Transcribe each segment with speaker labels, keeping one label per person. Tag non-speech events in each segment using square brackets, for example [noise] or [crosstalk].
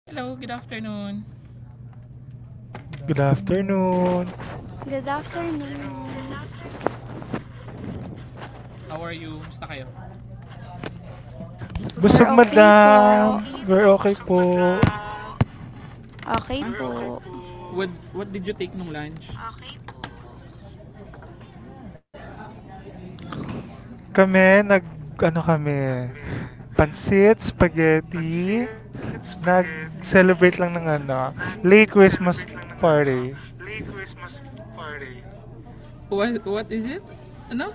Speaker 1: Hello, good afternoon. Good
Speaker 2: Good
Speaker 1: afternoon.
Speaker 2: afternoon.
Speaker 3: Good
Speaker 1: Good afternoon.
Speaker 3: afternoon.
Speaker 1: How are you? Musta kayo? Busog mo?
Speaker 3: We're
Speaker 2: Busog,
Speaker 3: okay
Speaker 1: We're
Speaker 3: po.
Speaker 2: madam.
Speaker 1: okay
Speaker 2: We're
Speaker 1: po.
Speaker 2: okay
Speaker 1: Busog man?
Speaker 2: po.
Speaker 3: Okay
Speaker 1: Huh? We're okay
Speaker 3: po.
Speaker 1: po. What did you take nung lunch? Okay po.
Speaker 2: Kami, ano kami,
Speaker 1: Kami.
Speaker 2: pansit, spaghetti,
Speaker 1: Pansit, spaghetti.
Speaker 2: nag-celebrate lang ng ano, late Christmas
Speaker 1: Nag-celebrate lang ng ano,
Speaker 2: party.
Speaker 1: late Christmas party. What is it? Ano?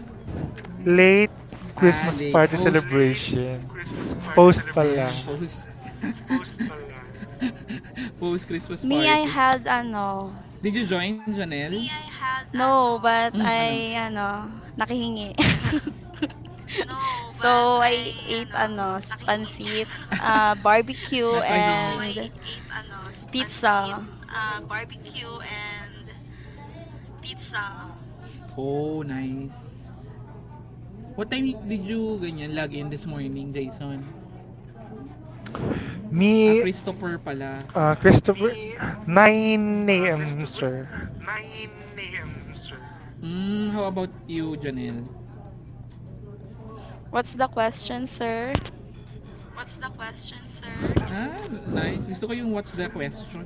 Speaker 2: Late Christmas
Speaker 1: Ali,
Speaker 2: party
Speaker 1: post. Late
Speaker 2: celebration.
Speaker 1: Christmas party
Speaker 2: Post
Speaker 1: celebration. Ayan,
Speaker 2: pala.
Speaker 1: post. [laughs] Post pala. [laughs] Post Christmas
Speaker 3: Me, I
Speaker 1: party.
Speaker 3: had ano,
Speaker 1: Did you join, Janelle? Me, I had,
Speaker 3: no,
Speaker 1: ano,
Speaker 3: but
Speaker 1: hmm, ano?
Speaker 3: I, ano, nakihingi. [laughs]
Speaker 1: No, but
Speaker 3: So, I
Speaker 1: I,
Speaker 3: ate,
Speaker 1: ano,
Speaker 3: ano,
Speaker 1: nakahingi.
Speaker 3: pansit,
Speaker 1: [laughs] [laughs]
Speaker 3: barbecue,
Speaker 1: Nakahingi. So,
Speaker 3: and
Speaker 1: I ate, ano, pancit,
Speaker 3: pizza.
Speaker 1: barbecue, and pizza. Oh, nice. What time did you ganyan log in this morning, Jason? Ah,
Speaker 2: Me,
Speaker 1: Christopher pala.
Speaker 2: Christopher.
Speaker 1: Me,
Speaker 2: 9 a.m.,
Speaker 1: Christopher,
Speaker 2: sir.
Speaker 1: nine a.m., sir. Hmm, how about you, Janelle?
Speaker 3: What's the question, sir?
Speaker 1: What's the question, sir? Ah, nice. Gusto ko yung what's the question.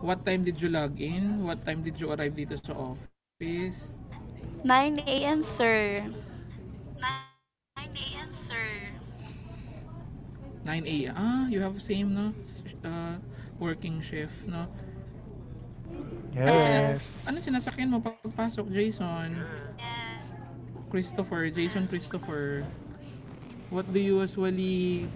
Speaker 1: What time did you log in? What time did you arrive dito sa office?
Speaker 3: 9 a.m., sir.
Speaker 1: Nine a.m., sir. Nine a.m. Ah, you have same, no? Uh, Working shift, no? Ano, sina
Speaker 2: Yes.
Speaker 1: ano
Speaker 3: Yes.
Speaker 1: sinasakyan mo pagpasok, Jason? And Christopher, Jason Christopher. What do you usually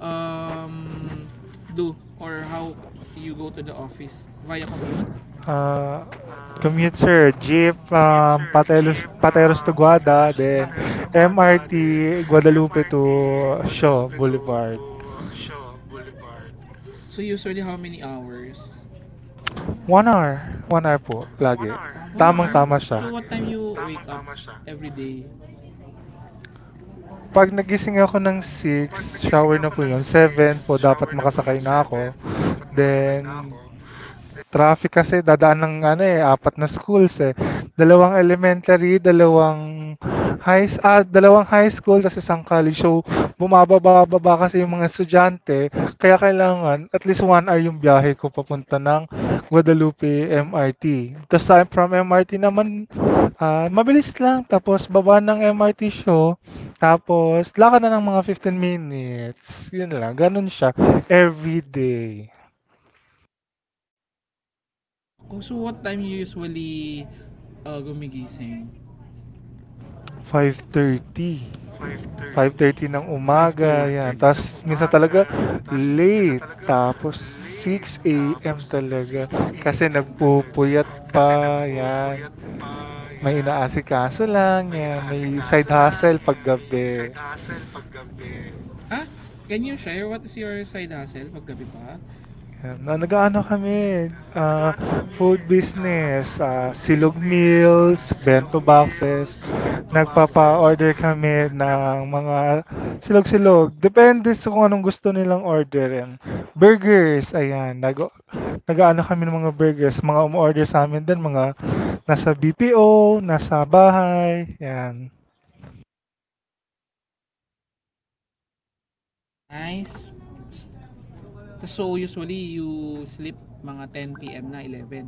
Speaker 1: um, do or how you go to the office? Via commute?
Speaker 2: Uh,
Speaker 1: Ah,
Speaker 2: Commute, sir. Jeep
Speaker 1: commute
Speaker 2: from
Speaker 1: sir,
Speaker 2: Pateros,
Speaker 1: jeep,
Speaker 2: Pateros to Guada,
Speaker 1: Pateros,
Speaker 2: then
Speaker 1: To Guada, then
Speaker 2: MRT Guadalupe
Speaker 1: MRT,
Speaker 2: to Shaw
Speaker 1: Guadalupe to
Speaker 2: Boulevard.
Speaker 1: Bu Shaw Boulevard. So usually how many hours?
Speaker 2: 1 hour. 1 hour po,
Speaker 1: One
Speaker 2: lagi.
Speaker 1: hour. One hour? Hour po.
Speaker 2: Tamang-tama
Speaker 1: So lagi
Speaker 2: siya.
Speaker 1: what time you tamang wake up every day?
Speaker 2: Pag nagising ako ng
Speaker 1: Pag
Speaker 2: 6, shower
Speaker 1: nagising
Speaker 2: na
Speaker 1: ako
Speaker 2: po
Speaker 1: ng
Speaker 2: 'yun. 7
Speaker 1: six,
Speaker 2: po, dapat
Speaker 1: shower na po yun.
Speaker 2: makasakay na
Speaker 1: Seven
Speaker 2: ako.
Speaker 1: po, dapat makasakay na
Speaker 2: Then
Speaker 1: ako.
Speaker 2: traffic kasi dadaan ng ano eh, apat na schools eh. Dalawang elementary, dalawang high, dalawang high school, tapos isang college. So bumababa-baba kasi yung mga estudyante. Kaya kailangan at least 1 hour yung biyahe ko papunta ng Guadalupe MRT. Tapos from MRT naman, mabilis lang. Tapos baba ng MRT show. Tapos lakad na ng mga 15 minutes. Yun lang. Ganun siya. Every day.
Speaker 1: Naku, so what time you usually gumigising?
Speaker 2: 5:30, five
Speaker 1: 5:30.
Speaker 2: thirty ng
Speaker 1: 5:30.
Speaker 2: umaga, 'yan.
Speaker 1: 5:30 ng
Speaker 2: Tapos minsan
Speaker 1: umaga,
Speaker 2: talaga
Speaker 1: yan. Tapos minsan
Speaker 2: late,
Speaker 1: talaga
Speaker 2: tapos
Speaker 1: late.
Speaker 2: 6 a.m.
Speaker 1: Tapos
Speaker 2: talaga
Speaker 1: six
Speaker 2: kasi
Speaker 1: a.m. talaga.
Speaker 2: nagpupuyat
Speaker 1: Kasi
Speaker 2: pa, 'yan.
Speaker 1: nagpupuyat pa,
Speaker 2: May
Speaker 1: yan.
Speaker 2: inaasikaso lang,
Speaker 1: May
Speaker 2: 'yan, may side
Speaker 1: inaasikaso lang,
Speaker 2: hustle
Speaker 1: yan. May side
Speaker 2: paggabi.
Speaker 1: hustle paggabi. Ah, can you share what is your side hustle paggabi pa?
Speaker 2: Yan. Na nag-ano kami,
Speaker 1: Na nag-ano
Speaker 2: food
Speaker 1: kami, ah,
Speaker 2: business,
Speaker 1: food
Speaker 2: silog
Speaker 1: business,
Speaker 2: meals,
Speaker 1: ah, silog
Speaker 2: bento boxes.
Speaker 1: meals, bento boxes.
Speaker 2: Nagpapa-order kami
Speaker 1: Nag
Speaker 2: ng mga silog-silog. Depende sa kung anong gusto nilang orderin. Burgers, ayan. Nag-ano kami ng mga burgers. Mga umorder sa amin din, mga nasa BPO, nasa bahay, yan.
Speaker 1: nice. So usually you sleep mga 10 p.m. na 11.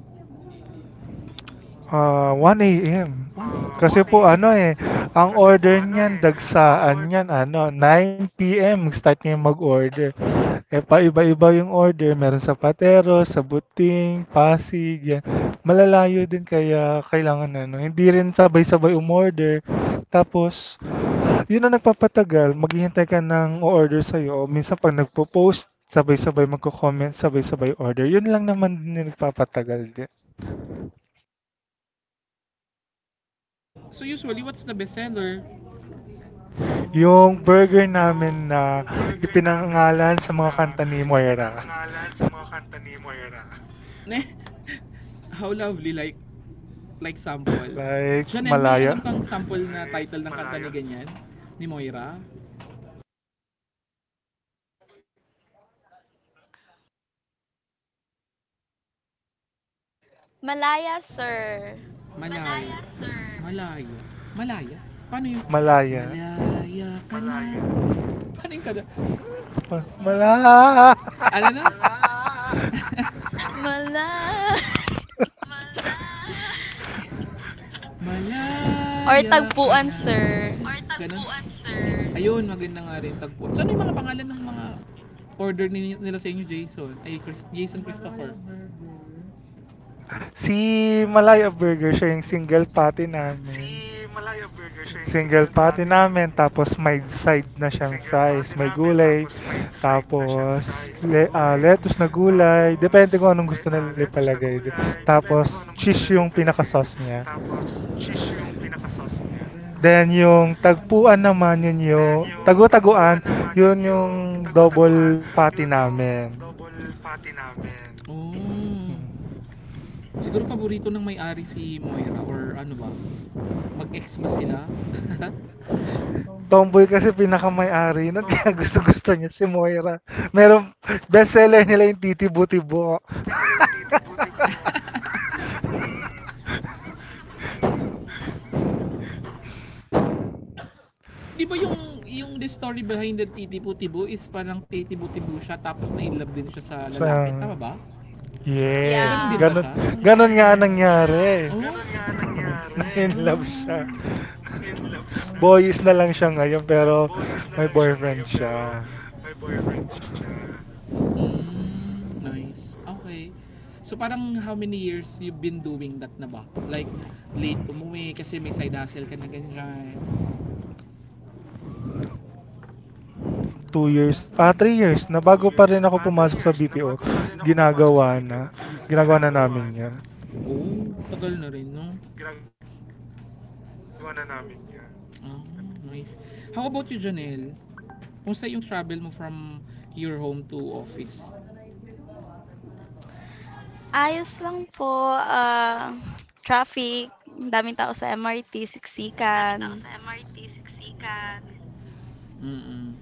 Speaker 2: 1 AM.
Speaker 1: One? Ah, oh,
Speaker 2: Kasi po ano,
Speaker 1: 1 a.m.
Speaker 2: eh, ang
Speaker 1: Kasi po
Speaker 2: order
Speaker 1: ano
Speaker 2: niyan
Speaker 1: eh, ang
Speaker 2: dagsaan
Speaker 1: order
Speaker 2: niyan ano 9 p.m. start niya mag-order. Eh, paiba-iba yung order, meron sa Patero, sa Buting, Pasig, yan. Malalayo din kaya kailangan ano, hindi rin sabay-sabay umorder. Tapos yun ang nagpapatagal, maghihintay ka ng order sa'yo. O minsan pag nagpo-post, sabay-sabay magko-comment, sabay-sabay order. Yun lang naman din yung nagpapatagal din.
Speaker 1: so usually what's the best seller?
Speaker 2: Yung burger
Speaker 1: Yung
Speaker 2: namin na
Speaker 1: burger namin
Speaker 2: ipinangalan sa mga
Speaker 1: na
Speaker 2: kanta ni Moira.
Speaker 1: ipinangalan sa mga kanta ni Moira. [laughs] Ne? How lovely. Like Like sample.
Speaker 2: Like,
Speaker 1: Chanel, may
Speaker 2: Malaya.
Speaker 1: alam kang sample na title ng kanta ni ganyan? Ni Moira?
Speaker 3: Malaya, sir.
Speaker 1: Malaya, Malaya, sir. Malaya. Malaya? Paano yun?
Speaker 2: Malaya.
Speaker 1: Malaya ka na. Malaya. Paano yung kada?
Speaker 2: Malaya!
Speaker 1: Ano na? Ah!
Speaker 3: Malaya. [laughs]
Speaker 1: Malaya. [laughs]
Speaker 3: Or
Speaker 1: Malaya ka
Speaker 3: tagpuan,
Speaker 1: na.
Speaker 3: sir.
Speaker 1: Or tagpuan, sir. Ayun, maganda nga rin tagpo. So ano yung mga pangalan ng mga order ni- nila sa inyo, Jason? Ay, Chris, Jason Christopher.
Speaker 2: Si Malaya Burger, siya yung single patty
Speaker 1: Si
Speaker 2: namin.
Speaker 1: Malaya Burger siya yung
Speaker 2: Single
Speaker 1: single
Speaker 2: patty
Speaker 1: patty
Speaker 2: namin,
Speaker 1: namin.
Speaker 2: tapos may side na siyang
Speaker 1: Single
Speaker 2: fries,
Speaker 1: patty
Speaker 2: may
Speaker 1: namin,
Speaker 2: gulay,
Speaker 1: tapos may side na siyang
Speaker 2: tapos
Speaker 1: fries, may gulay,
Speaker 2: lettuce na gulay, depende
Speaker 1: tapos
Speaker 2: kung anong
Speaker 1: le-
Speaker 2: gusto
Speaker 1: ah,
Speaker 2: nila
Speaker 1: lettuce na
Speaker 2: ipalagay.
Speaker 1: gulay, depende
Speaker 2: Tapos
Speaker 1: kung anong gusto
Speaker 2: cheese yung
Speaker 1: nila ipalagay.
Speaker 2: pinaka-sauce niya.
Speaker 1: Tapos cheese yung pinaka-sauce niya.
Speaker 2: Then yung tagpuan naman, yun
Speaker 1: Then
Speaker 2: yung
Speaker 1: yung
Speaker 2: tago
Speaker 1: tagpuan
Speaker 2: taguan,
Speaker 1: naman, yun
Speaker 2: yun yung
Speaker 1: yung tagu-taguan,
Speaker 2: double patty
Speaker 1: yun yung
Speaker 2: namin.
Speaker 1: double patty namin. Oh.
Speaker 2: Mm.
Speaker 1: Siguro paborito ng may-ari si Moira or ano ba? Mag-ex ba sila? [laughs]
Speaker 2: Tomboy kasi pinaka ari nun, [laughs] kaya
Speaker 1: Tomboy kasi.
Speaker 2: gusto-gusto niya si Moira. Meron, bestseller nila yung titibo-tibo.
Speaker 1: [laughs] Nila nila yung [laughs] eh di ba yung the story behind the titibo is parang titibo siya tapos na in love din siya sa lalaki, tama
Speaker 2: So
Speaker 1: ba? So, So
Speaker 2: yes,
Speaker 1: ganun din ba
Speaker 3: Yeah.
Speaker 2: ganun,
Speaker 1: siya? Ganun nga,
Speaker 2: ganun nga
Speaker 1: yes. Yeah.
Speaker 2: nangyari.
Speaker 1: Oh. Ganun nga
Speaker 2: [laughs]
Speaker 1: nangyari. Ah.
Speaker 2: Na-inlove
Speaker 1: [laughs]
Speaker 2: siya.
Speaker 1: In love siya.
Speaker 2: Boys na lang siya ngayon, pero
Speaker 1: Boys na
Speaker 2: may
Speaker 1: lang siya
Speaker 2: boyfriend
Speaker 1: ngayon pero
Speaker 2: siya.
Speaker 1: may boyfriend siya. Mm, nice. Okay. So parang how many years you've been doing that na ba? Like late umuwi kasi may side hustle ka na ganyan.
Speaker 2: Two years, ah 3 years na
Speaker 1: Two
Speaker 2: bago
Speaker 1: years,
Speaker 2: pa rin
Speaker 1: ah,
Speaker 2: ako
Speaker 1: three
Speaker 2: pumasok sa
Speaker 1: years na bago
Speaker 2: BPO,
Speaker 1: pa rin ako pumasok sa
Speaker 2: ginagawa
Speaker 1: BPO,
Speaker 2: na. Ginagawa na
Speaker 1: ginagawa
Speaker 2: namin
Speaker 1: na.
Speaker 2: 'yon.
Speaker 1: Oo, tagal na rin, no? Ginagawa na namin yan. Ah, nice. How about you, Janelle? Kumusta yung travel mo from your home to office?
Speaker 3: Ayos lang po, traffic, ang daming tao sa MRT,
Speaker 1: Daming tao
Speaker 3: siksikan.
Speaker 1: sa MRT, siksikan. Mm.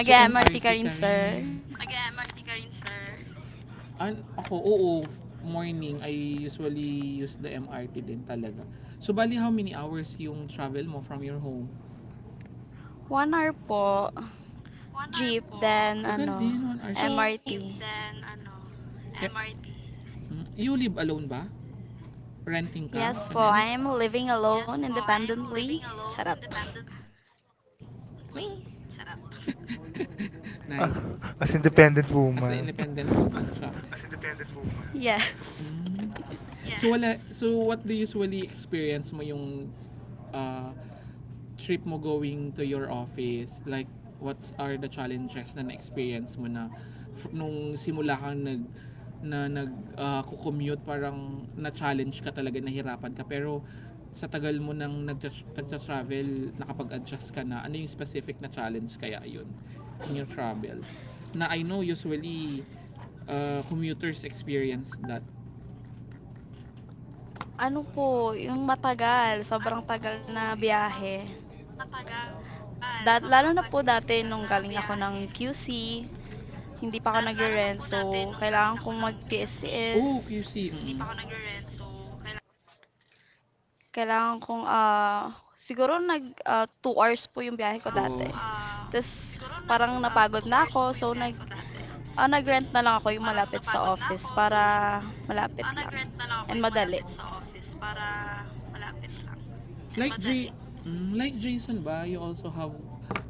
Speaker 1: So,
Speaker 3: ka
Speaker 1: MRT
Speaker 3: rin,
Speaker 1: ka
Speaker 3: sir?
Speaker 1: rin. Nag-MRT ka rin, sir. An ako, oo, morning, I usually use the MRT din talaga. So, bali how many hours yung travel mo from your home?
Speaker 3: 1 hour po.
Speaker 1: One hour
Speaker 3: Jeep,
Speaker 1: po.
Speaker 3: then
Speaker 1: Tagal
Speaker 3: ano,
Speaker 1: din, one hour. So, Jeep,
Speaker 3: MRT.
Speaker 1: then ano, yep, MRT. Mm, you live alone ba? Renting ka,
Speaker 3: Yes po, I
Speaker 1: Janelle?
Speaker 3: am living alone
Speaker 1: Yes po, I'm
Speaker 3: independently.
Speaker 1: living alone,
Speaker 3: Charot. [laughs]
Speaker 1: independent. Wait, shut up. [laughs] Nice.
Speaker 2: Ah, as independent
Speaker 1: As an
Speaker 2: woman.
Speaker 1: independent woman siya. As an independent woman.
Speaker 3: Yes.
Speaker 1: Mm. Yeah. So wala, so what do you usually experience mo yung uh, trip mo going to your office? Like what are the challenges na na-experience mo na f- nung simula kang nag na nag commute parang na-challenge ka talaga nahirapan ka pero sa tagal mo nang nagtra- nagtra-travel nakapag-adjust ka na ano yung specific na challenge kaya yun in your travel na I know usually commuters experience that
Speaker 3: Ano po, yung matagal,
Speaker 1: ano
Speaker 3: sobrang
Speaker 1: po,
Speaker 3: tagal na
Speaker 1: yung mga
Speaker 3: biyahe.
Speaker 1: matagal,
Speaker 3: Dat lalo
Speaker 1: sobrang
Speaker 3: na po
Speaker 1: tagal
Speaker 3: dati nung
Speaker 1: na
Speaker 3: galing ako ng
Speaker 1: biyahe.
Speaker 3: QC, hindi pa ako
Speaker 1: Dad, lalo na
Speaker 3: nagre-rent,
Speaker 1: po
Speaker 3: so
Speaker 1: dati nung galing
Speaker 3: kailangan
Speaker 1: ako
Speaker 3: kong
Speaker 1: ng QC,
Speaker 3: magtiis-tiis.
Speaker 1: oh, QC. Hindi mm pa ako nagre-rent, so
Speaker 3: Kailangan kong, 2 hours po yung biyahe ko dati.
Speaker 1: tapos, ah,
Speaker 3: Ta's
Speaker 1: siguro nag
Speaker 3: parang napagod
Speaker 1: two
Speaker 3: na ako,
Speaker 1: hours po
Speaker 3: so
Speaker 1: yung biyahe
Speaker 3: nag,
Speaker 1: ko dati.
Speaker 3: ah, nag-rent na
Speaker 1: Tapos
Speaker 3: lang ako yung
Speaker 1: parang
Speaker 3: malapit sa
Speaker 1: napagod na
Speaker 3: office
Speaker 1: ako so
Speaker 3: para
Speaker 1: nag
Speaker 3: malapit
Speaker 1: ah,
Speaker 3: lang
Speaker 1: nag-rent na lang
Speaker 3: and
Speaker 1: ako yung
Speaker 3: madali.
Speaker 1: malapit sa office para malapit lang. Like J- mm, like Jason ba, you also have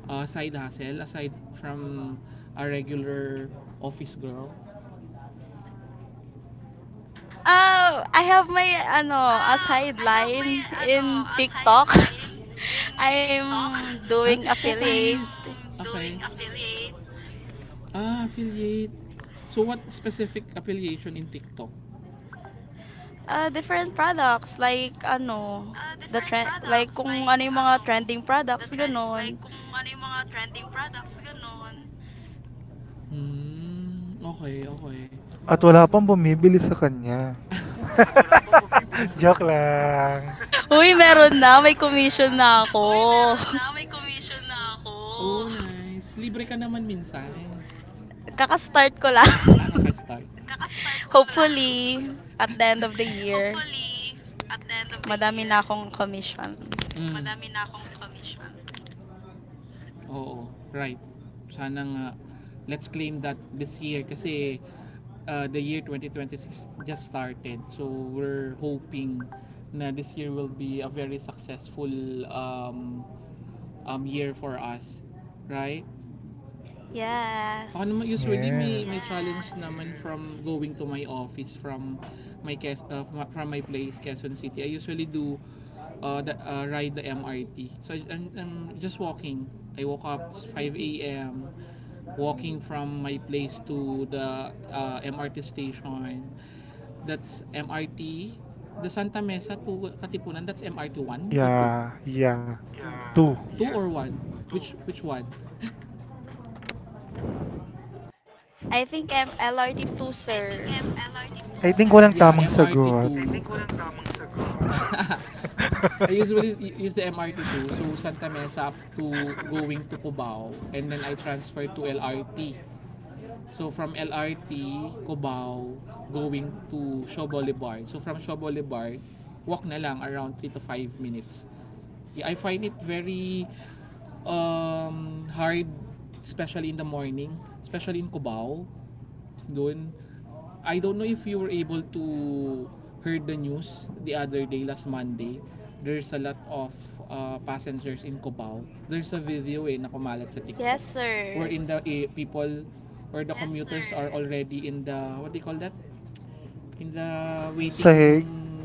Speaker 1: a side hustle aside from a regular office girl?
Speaker 3: Oh, I have my ano, a
Speaker 1: Ah, I have my
Speaker 3: sideline
Speaker 1: ano,
Speaker 3: in
Speaker 1: a
Speaker 3: TikTok.
Speaker 1: sideline in
Speaker 3: [laughs]
Speaker 1: TikTok.
Speaker 3: I'm doing
Speaker 1: Ah, TikToker
Speaker 3: affiliate,
Speaker 1: is. [laughs] I'm is. Okay. Affiliate. Ah, affiliate. So what specific affiliation in TikTok?
Speaker 3: Different products like ano, the
Speaker 1: Different
Speaker 3: trend, like
Speaker 1: products
Speaker 3: kung
Speaker 1: like
Speaker 3: ano yung mga
Speaker 1: ano
Speaker 3: trending
Speaker 1: the
Speaker 3: products,
Speaker 1: trend like
Speaker 3: gano'n.
Speaker 1: kung ano yung mga trending products ganon. Hmm, okay, okay.
Speaker 2: At wala pang bumibili sa kanya.
Speaker 1: At wala pa bumibili sa
Speaker 2: [laughs] Joke
Speaker 1: kanya.
Speaker 2: lang.
Speaker 3: [laughs] Uy, meron
Speaker 1: [laughs]
Speaker 3: na,
Speaker 1: Joke
Speaker 3: may commission
Speaker 1: lang.
Speaker 3: na ako.
Speaker 1: Uy meron, na may commission na ako. Oh, nice. Libre ka naman minsan.
Speaker 3: [laughs] Kaka-start ko lang.
Speaker 1: Ah, kaka-start. Kaka-start
Speaker 3: [laughs]
Speaker 1: ko lang.
Speaker 3: Hopefully, at the end of the
Speaker 1: [laughs]
Speaker 3: year,
Speaker 1: Hopefully at the end of the
Speaker 3: madami na
Speaker 1: year,
Speaker 3: akong commission.
Speaker 1: mm, madami na akong commission. Oo, right. Sana nga, let's claim that this year kasi the year 2026 just started. So we're hoping na this year will be a very successful um, um, year for us. Right? Ako
Speaker 3: Yes.
Speaker 1: naman usually may
Speaker 2: Yes.
Speaker 1: challenge naman from going to my office from my Quez- from- from my place Quezon City. I usually do the, ride the MRT. So I'm just walking. I woke up 5 a.m. walking from my place to the MRT station. That's MRT the Santa Mesa to Katipunan. That's MRT 1 or 2?
Speaker 2: Yeah, yeah. Two.
Speaker 1: Yeah. 2 yeah or 1? Which one?
Speaker 3: I think I'm LRT-2,
Speaker 1: I think
Speaker 3: sir.
Speaker 1: I'm LRT
Speaker 2: I
Speaker 1: 2,
Speaker 2: think
Speaker 1: sir.
Speaker 2: walang
Speaker 1: Yeah,
Speaker 2: tamang
Speaker 1: M R T
Speaker 2: sagot.
Speaker 1: two. I think MRT2. Walang tamang sagot. [laughs] I usually use the MRT 2, so Santa Mesa up to going to Cubao, and then I transfer to LRT. So from LRT, Cubao, going to Shaw Boulevard. So from Shaw Boulevard, walk na lang around three to five minutes. Yeah, I find it very hard, especially in the morning, especially in Cubao doon. I don't know if you were able to heard the news the other day last Monday. There's a lot of passengers in Cubao. There's a video eh na kumalat sa
Speaker 3: Yes,
Speaker 1: TikTok where
Speaker 3: sir.
Speaker 1: in the eh, people or the yes, commuters sir, are already in the what do you call that? In the
Speaker 2: Sahig.
Speaker 1: waiting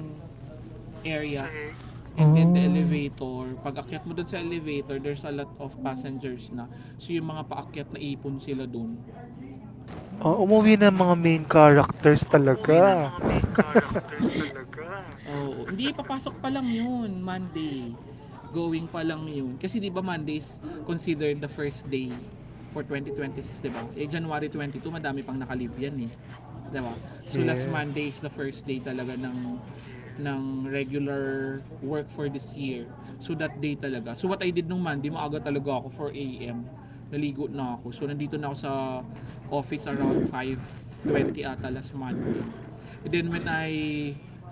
Speaker 1: area. Sir. And then the
Speaker 2: Oh.
Speaker 1: elevator, pag akyat mo dun sa elevator, there's a lot of passengers na. So yung mga paakyat na ipon sila dun.
Speaker 2: Oh, umuwi na ang mga main characters
Speaker 1: Ah, umuwi hmm ng
Speaker 2: talaga.
Speaker 1: mga main
Speaker 3: [laughs]
Speaker 2: [laughs]
Speaker 1: characters talaga. Oo. Oh, [laughs] hindi, papasok pa lang yun, Monday. Going pa lang yun. Kasi di ba Mondays considered the first day for 2026, di ba? Eh, January 22, madami pang nakalib yan eh. Di ba? So last
Speaker 2: Yes.
Speaker 1: Monday is the first day talaga ng regular work for this year. So that day talaga. So what I did nung Monday, maaga talaga ako 4 a.m. Naligo na ako. So nandito na ako sa office around 5:20 ata last Monday. And then when I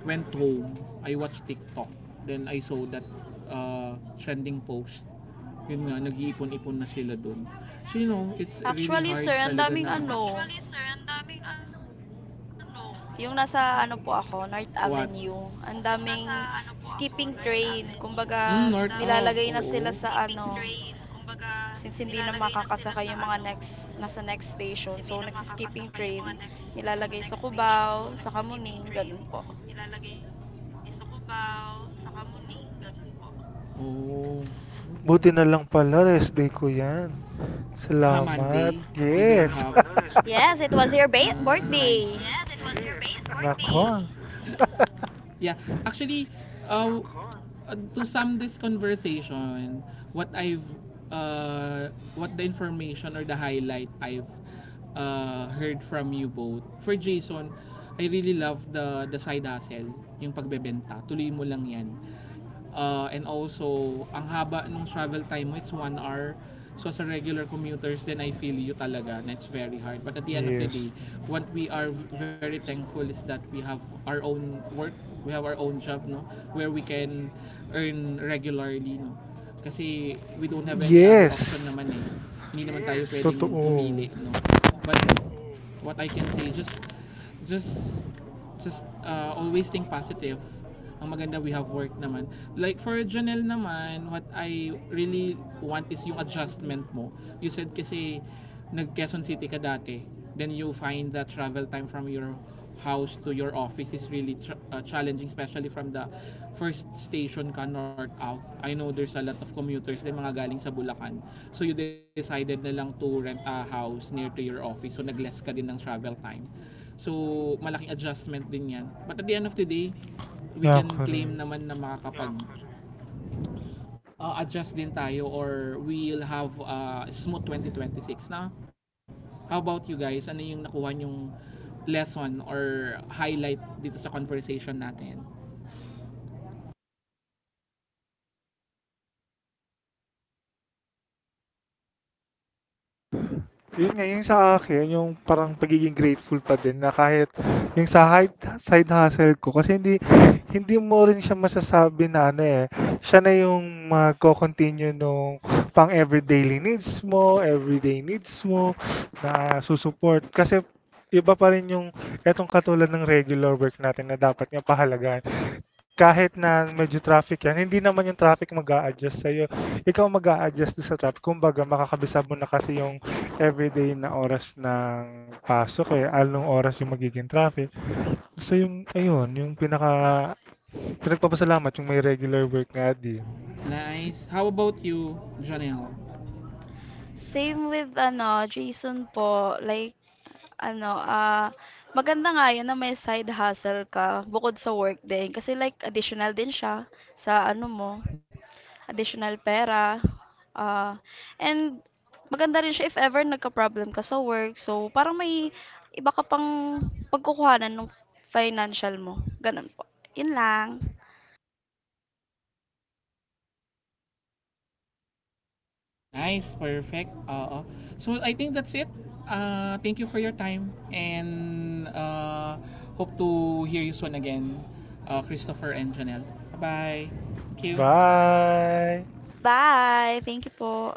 Speaker 1: went home, I watched TikTok. Then I saw that trending post. Yun nga, nag-iipon-ipon na sila dun. So you know, it's
Speaker 3: Actually,
Speaker 1: really
Speaker 3: sir, ang
Speaker 1: hard
Speaker 3: daming
Speaker 1: talaga na
Speaker 3: ano.
Speaker 1: actually, sir, ang daming ah, ano,
Speaker 3: Yung nasa ano po ako, North
Speaker 1: what?
Speaker 3: Avenue. Ang
Speaker 1: Yung
Speaker 3: daming
Speaker 1: nasa ano po
Speaker 3: skipping
Speaker 1: ako, North
Speaker 3: train.
Speaker 1: Avenue.
Speaker 3: Kumbaga,
Speaker 1: Mm, ang north daming
Speaker 3: nilalagay na sila
Speaker 1: oo.
Speaker 3: sa ano,
Speaker 1: Skipping train. Kumbaga,
Speaker 3: since hindi na
Speaker 1: nilalagay na sila
Speaker 3: makakasakay yung
Speaker 1: sa
Speaker 3: mga
Speaker 1: ano,
Speaker 3: next, nasa next station.
Speaker 1: since
Speaker 3: So,
Speaker 1: hindi na
Speaker 3: nagsiskipping
Speaker 1: makakasakay yung
Speaker 3: train,
Speaker 1: mga next, nasa
Speaker 3: nilalagay sa
Speaker 1: next station,
Speaker 3: Cubao,
Speaker 1: so
Speaker 3: sa Kamuning,
Speaker 1: nagsiskipping train,
Speaker 3: ganun po.
Speaker 1: ilalagay niya sa Cubao, sa Kamuni, ganun po. Oh.
Speaker 2: Buti na lang pala rest day ko yan.
Speaker 1: Ha, Monday?
Speaker 2: Salamat.
Speaker 1: You buti don't have...
Speaker 2: Yes.
Speaker 1: Buti na lang have... pala, rest day ko
Speaker 3: Yes,
Speaker 1: yan.
Speaker 3: it was your ba-
Speaker 1: Ah, nice.
Speaker 3: birthday.
Speaker 1: Yes, it was your
Speaker 2: [laughs]
Speaker 1: birthday.
Speaker 2: Nako.
Speaker 1: [laughs] Yeah, actually, uh, to sum this conversation, what I've, uh, what the information or the highlight I've heard from you both. For Jason, I really love the side hustle, yung pagbebenta. Tuloy mo lang yan. And also, ang haba nung travel time mo, it's one hour. So sa regular commuters, then I feel you talaga na it's very hard. But at the end of the
Speaker 2: Yes.
Speaker 1: day, what we are very thankful is that we have our own work, we have our own job, no? Where we can earn regularly, no? Kasi we don't have any other option
Speaker 2: Yes.
Speaker 1: naman eh. Hindi naman tayo pwedeng pumili,
Speaker 2: Totoo.
Speaker 1: no? But what I can say, just just always think positive. Ang maganda, we have work naman. Like for Jonel naman, what I really want is yung adjustment mo. You said kasi nag Quezon City ka dati. Then you find that travel time from your house to your office is really tr- challenging, especially from the first station ka north out. I know there's a lot of commuters din mga galing sa Bulacan. So you decided na lang to rent a house near to your office. So nag-less ka din ng travel time. So, malaking adjustment din yan. But at the end of the day, we
Speaker 2: Yeah,
Speaker 1: can claim
Speaker 2: correct.
Speaker 1: naman na makakapag adjust din tayo or we'll have smooth 2026 na. How about you guys? Ano yung nakuha yung lesson or highlight dito sa conversation natin?
Speaker 2: Yun nga, yung sa akin, yung parang pagiging grateful pa din na kahit yung sa side, side hustle ko kasi hindi hindi mo rin siya masasabi na ano eh siya na yung magko-continue nung pang everyday needs mo na susuport kasi iba pa rin yung etong katulad ng regular work natin na dapat nga pahalagan kahit na medyo traffic yan, hindi naman yung traffic mag adjust sa'yo. Ikaw mag adjust doon sa traffic. Kumbaga, makakabisa mo na kasi yung everyday na oras ng pasok eh. Anong oras yung magiging traffic. So yung, ayun, yung pinagpapasalamat yung may regular work nga din.
Speaker 1: Nice. How about you, Janelle?
Speaker 3: Same with ano, Jason po, like ano, maganda nga yun na may side hustle ka bukod sa work din, kasi like additional din siya sa ano mo, additional pera. Ah, and maganda rin siya if ever nagka-problem ka sa work. So, parang may iba ka pang pagkukuhanan ng financial mo. Ganun po. Yun lang.
Speaker 1: Nice, perfect. Oo. So I think that's it. Thank you for your time and hope to hear you soon again, Christopher and Janelle. Bye-bye. Thank you.
Speaker 2: Bye!
Speaker 3: Bye! Thank you po.